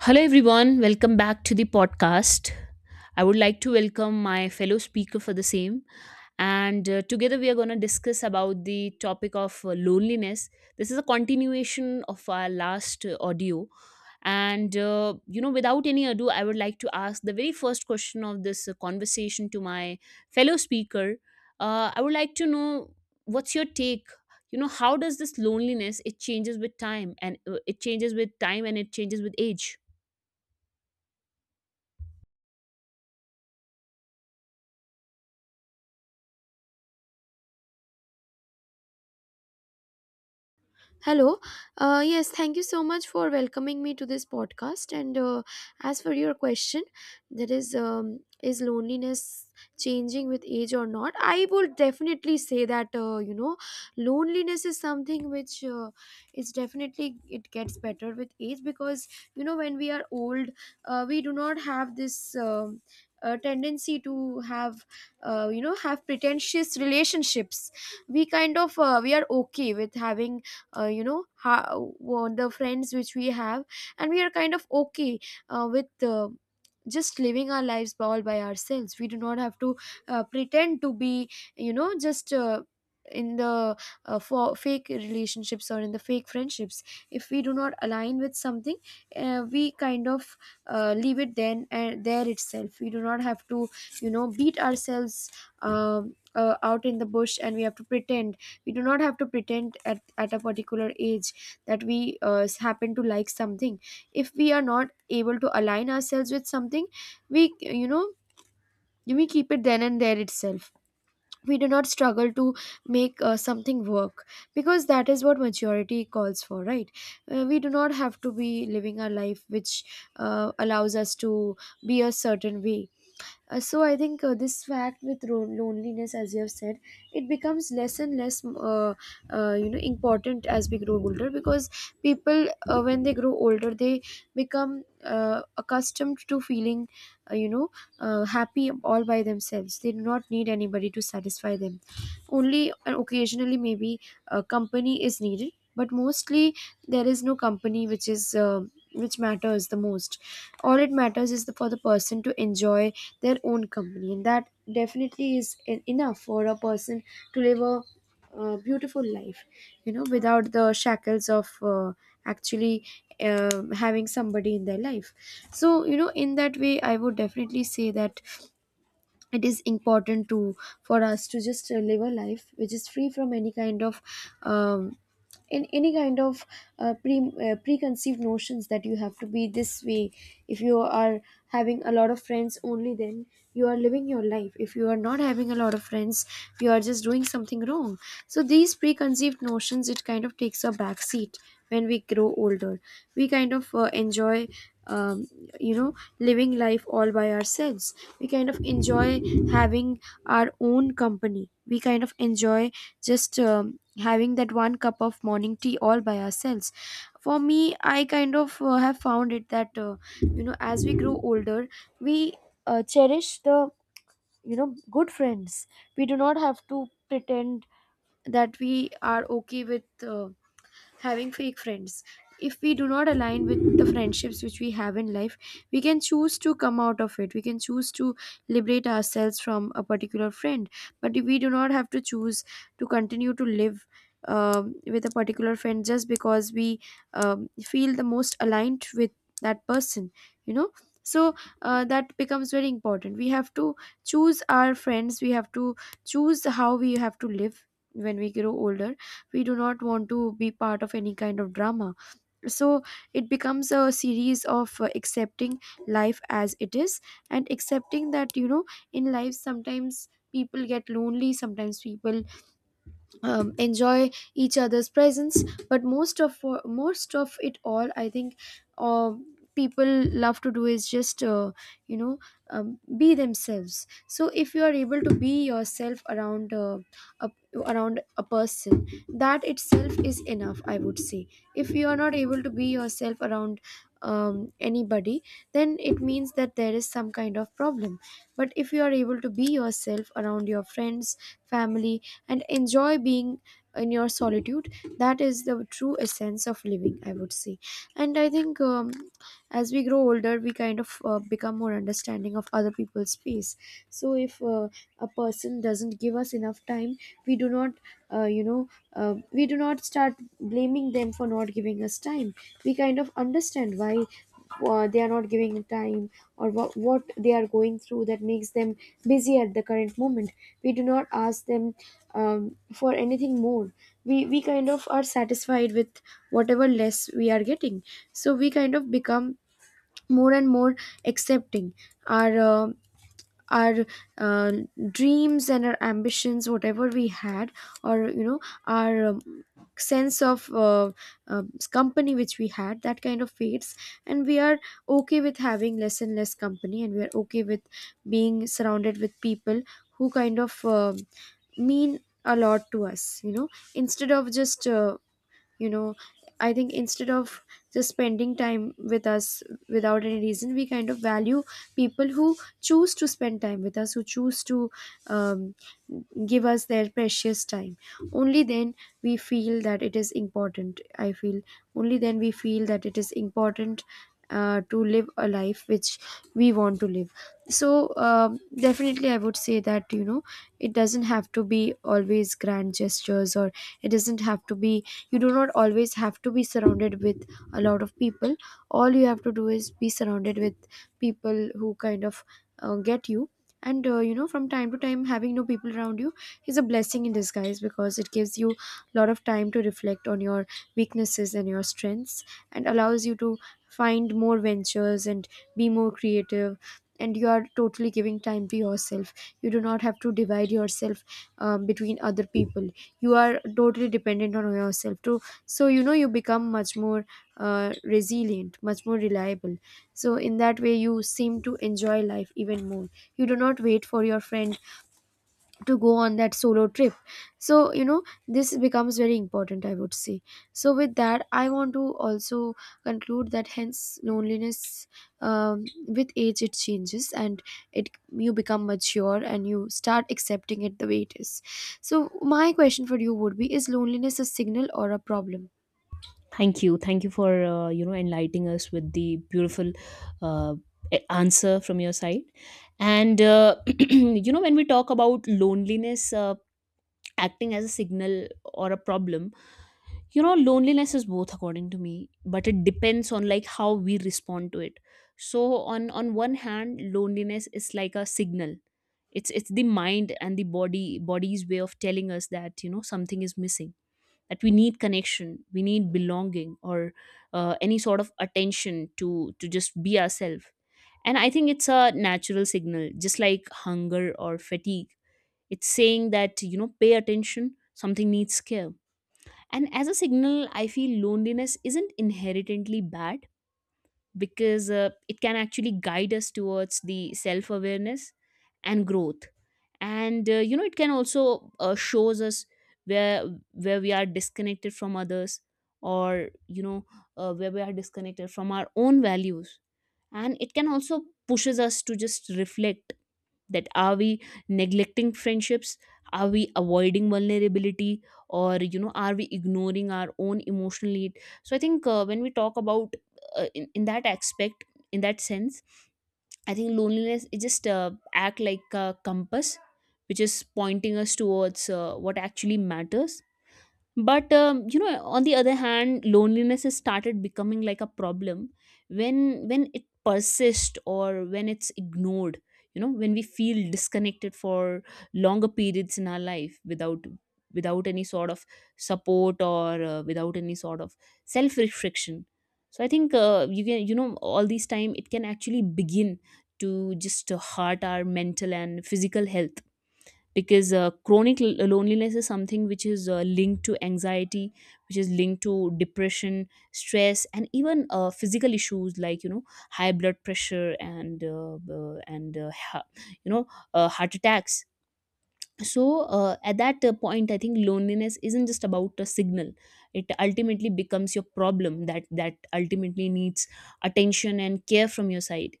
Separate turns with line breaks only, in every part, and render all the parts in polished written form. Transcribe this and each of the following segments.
Hello, everyone. Welcome back to the podcast. I would like to welcome my fellow speaker for the same. And together, we are going to discuss about the topic of loneliness. This is a continuation of our last audio. And without any ado, I would like to ask the very first question of this conversation to my fellow speaker. I would like to know what's your take? You know, how does this loneliness, it changes with time and it changes with age?
Hello. Yes, thank you so much for welcoming me to this podcast. And as for your question, that is loneliness changing with age or not? I would definitely say that you know, loneliness is something which is definitely it gets better with age because you know when we are old, we do not have this. Tendency to have you know have pretentious relationships. We kind of we are okay with having, you know how the friends which we have, and we are kind of okay with just living our lives all by ourselves. We do not have to pretend to be, you know, just in the for fake relationships or in the fake friendships. If we do not align with something, we kind of leave it then and there itself. We do not have to, you know, beat ourselves out in the bush, and we have to pretend. We do not have to pretend at a particular age that we happen to like something. If we are not able to align ourselves with something, we, you know, we keep it then and there itself. We do not struggle to make something work, because that is what maturity calls for, right? We do not have to be living our life which allows us to be a certain way. So I think this fact with loneliness, as you have said, it becomes less and less, you know, important as we grow older, because people, when they grow older, they become accustomed to feeling, you know, happy all by themselves. They do not need anybody to satisfy them. Only and occasionally, maybe company is needed, but mostly there is no company which is. Which matters the most. All it matters is the, for the person to enjoy their own company, and that definitely is enough for a person to live a beautiful life, you know, without the shackles of actually uh, having somebody in their life. So, you know, in that way I would definitely say that it is important to, for us to just live a life which is free from any kind of um, in any kind of preconceived notions that you have to be this way. If you are having a lot of friends, only then you are living your life. If you are not having a lot of friends, you are just doing something wrong. So these preconceived notions, it kind of takes a back seat when we grow older. We kind of enjoy, um, you know, living life all by ourselves. We kind of enjoy having our own company. We kind of enjoy just having that one cup of morning tea all by ourselves. For me, I kind of have found it that you know, as we grow older, we cherish the, you know, good friends. We do not have to pretend that we are okay with having fake friends. If we do not align with the friendships which we have in life, we can choose to come out of it. We can choose to liberate ourselves from a particular friend. But we do not have to choose to continue to live with a particular friend just because we feel the most aligned with that person, you know. So that becomes very important. We have to choose our friends, we have to choose how we have to live. When we grow older, we do not want to be part of any kind of drama. So it becomes a series of accepting life as it is, and accepting that, you know, in life sometimes people get lonely, sometimes people enjoy each other's presence. But most of, most of it all, I think, uh, people love to do is just you know, be themselves. So if you are able to be yourself around, a, around a person, that itself is enough, I would say. If you are not able to be yourself around anybody, then it means that there is some kind of problem. But if you are able to be yourself around your friends, family, and enjoy being in your solitude, that is the true essence of living, I would say. And I think, as we grow older, we kind of become more understanding of other people's space. So if a person doesn't give us enough time, we do not you know, we do not start blaming them for not giving us time. We kind of understand why they are not giving time, or what they are going through that makes them busy at the current moment. We do not ask them for anything more. We kind of are satisfied with whatever less we are getting. So we kind of become more and more accepting. Our our uh, dreams and our ambitions, whatever we had, or you know, our sense of uh, company which we had, that kind of fades. And we are okay with having less and less company, and we are okay with being surrounded with people who kind of mean a lot to us, you know, instead of just you know, I think instead of just spending time with us without any reason. We kind of value people who choose to spend time with us, who choose to um, give us their precious time. Only then we feel that it is important. I feel only then we feel that it is important to live a life which we want to live. So, definitely I would say that, you know, it doesn't have to be always grand gestures, or it doesn't have to be, you do not always have to be surrounded with a lot of people. All you have to do is be surrounded with people who kind of get you. And you know, from time to time, having no people around you is a blessing in disguise, because it gives you a lot of time to reflect on your weaknesses and your strengths, and allows you to find more ventures and be more creative. And you are totally giving time to yourself. You do not have to divide yourself between other people. You are totally dependent on yourself too. So, you know, you become much more resilient, much more reliable. So in that way you seem to enjoy life even more. You do not wait for your friend to go on that solo trip. So, you know, this becomes very important, I would say. So with that I want to also conclude that hence loneliness, with age it changes, and it, you become mature and you start accepting it the way it is. So my question for you would be, is loneliness a signal or a problem?
Thank you. Thank you for enlightening us with the beautiful uh, answer from your side. And you know when we talk about loneliness acting as a signal or a problem, you know loneliness is both according to me, but it depends on like how we respond to it. So on one hand, loneliness is like a signal. It's the mind and the body's way of telling us that you know something is missing, that we need connection, we need belonging or any sort of attention to just be ourselves. And I think it's a natural signal, just like hunger or fatigue. It's saying that you know pay attention, something needs care. And as a signal, I feel loneliness isn't inherently bad, because it can actually guide us towards the self awareness and growth. And you know it can also shows us where we are disconnected from others, or you know where we are disconnected from our own values. And it can also pushes us to just reflect that are we neglecting friendships, are we avoiding vulnerability, or you know are we ignoring our own emotional need. So I think when we talk about in that aspect, in that sense, I think loneliness it just act like a compass which is pointing us towards what actually matters. But you know on the other hand loneliness has started becoming like a problem, when it persists or when it's ignored. You know when we feel disconnected for longer periods in our life without any sort of support, or without any sort of self restriction. So I think you can you know all this time it can actually begin to just hurt our mental and physical health, because chronic loneliness is something which is linked to anxiety, which is linked to depression, stress, and even physical issues like you know high blood pressure and you know heart attacks. So at that point I think loneliness isn't just about a signal, it ultimately becomes your problem that ultimately needs attention and care from your side.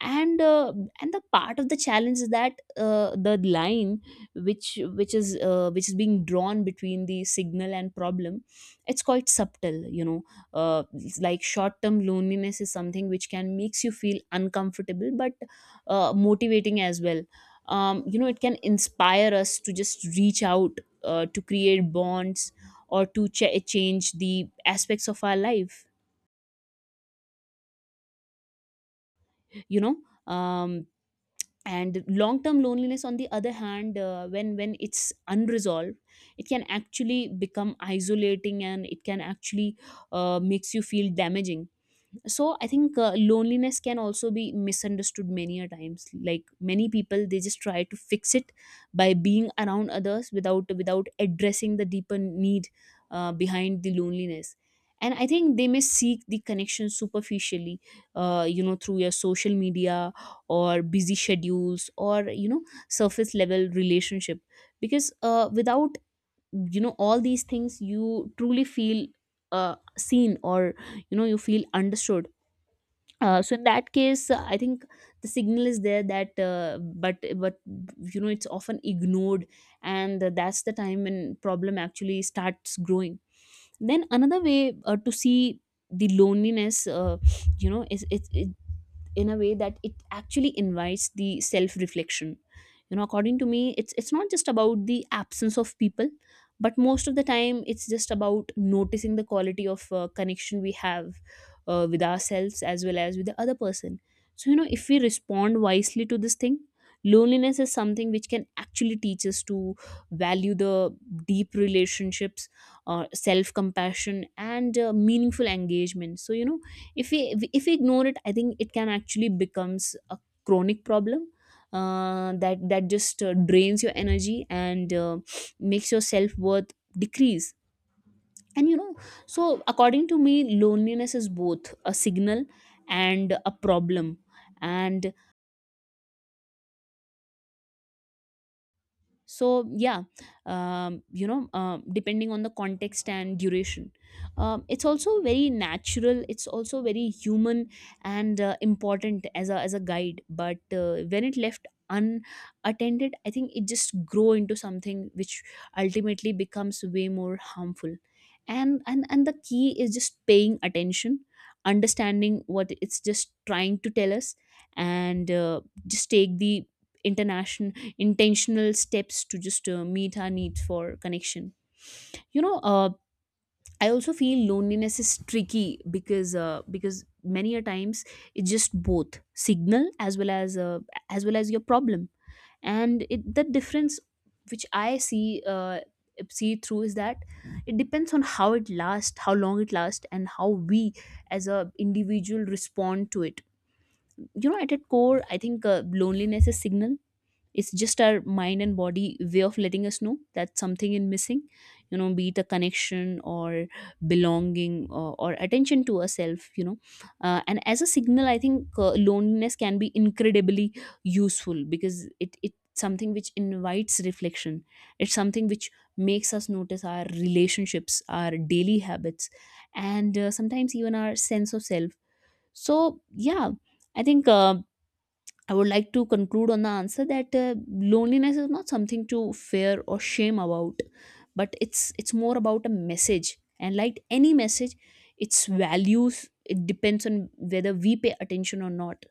And uh, and the part of the challenge is that the line which is being drawn between the signal and problem, it's quite subtle. You know it's like short term loneliness is something which can makes you feel uncomfortable, but motivating as well. You know it can inspire us to just reach out, to create bonds, or to change the aspects of our life, you know. um and long term loneliness on the other hand, when it's unresolved, it can actually become isolating, and it can actually makes you feel damaging. So I think loneliness can also be misunderstood many a times, like many people they just try to fix it by being around others without addressing the deeper need behind the loneliness. And I think they may seek the connection superficially, you know through your social media, or busy schedules, or you know surface level relationship, because without you know all these things you truly feel seen, or you know you feel understood. So in that case I think the signal is there, that but you know it's often ignored, and that's the time when problem actually starts growing. Then another way to see the loneliness, you know is it in a way that it actually invites the self reflection. You know according to me it's not just about the absence of people, but most of the time it's just about noticing the quality of connection we have with ourselves as well as with the other person. So you know if we respond wisely to this thing, loneliness is something which can actually teach us to value the deep relationships, self compassion, and meaningful engagement. So you know if we if we ignore it, I think it can actually becomes a chronic problem, that just drains your energy and makes your self-worth decrease. And you know, so according to me loneliness is both a signal and a problem. And so yeah, you know depending on the context and duration, it's also very natural, it's also very human, and important as a guide, but when it left unattended I think it just grow into something which ultimately becomes way more harmful. And the key is just paying attention, understanding what it's just trying to tell us, and just take the international intentional steps to just meet our needs for connection. You know I also feel loneliness is tricky, because many a times it's just both signal as well as your problem. And the difference which I see see through is that it depends on how it lasts how long it lasts, and how we as a individual respond to it. You know at its core I think loneliness is signal, it's just our mind and body way of letting us know that something is missing. You know be it a connection or belonging, or attention to ourselves, you know. And as a signal I think loneliness can be incredibly useful, because it something which invites reflection. It's something which makes us notice our relationships, our daily habits, and sometimes even our sense of self. So yeah, I think I would like to conclude on the answer that loneliness is not something to fear or shame about, but it's more about a message. And like any message, its values, it depends on whether we pay attention or not.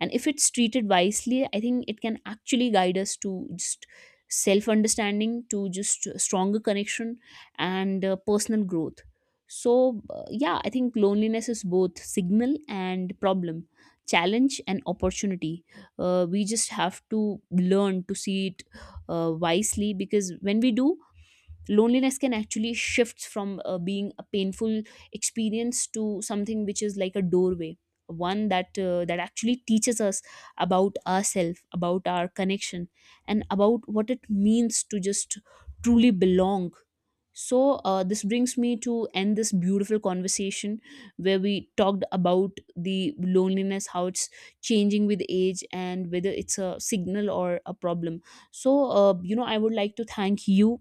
And if it's treated wisely, I think it can actually guide us to just self understanding, to just stronger connection, and personal growth. So yeah, I think loneliness is both signal and problem, challenge and opportunity. We just have to learn to see it wisely, because when we do, loneliness can actually shift from being a painful experience to something which is like a doorway, one that that actually teaches us about ourselves, about our connection, and about what it means to just truly belong. So this brings me to end this beautiful conversation where we talked about the loneliness, how it's changing with age, and whether it's a signal or a problem. So you know I would like to thank you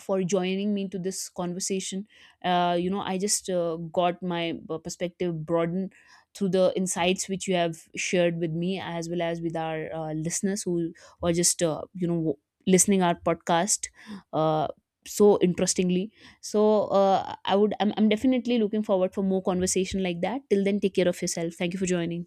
for joining me to this conversation. You know I just got my perspective broadened through the insights which you have shared with me as well as with our listeners who are just listening our podcast. uh, so interestingly, so I'm definitely looking forward for more conversation like that. Till then, take care of yourself. Thank you for joining.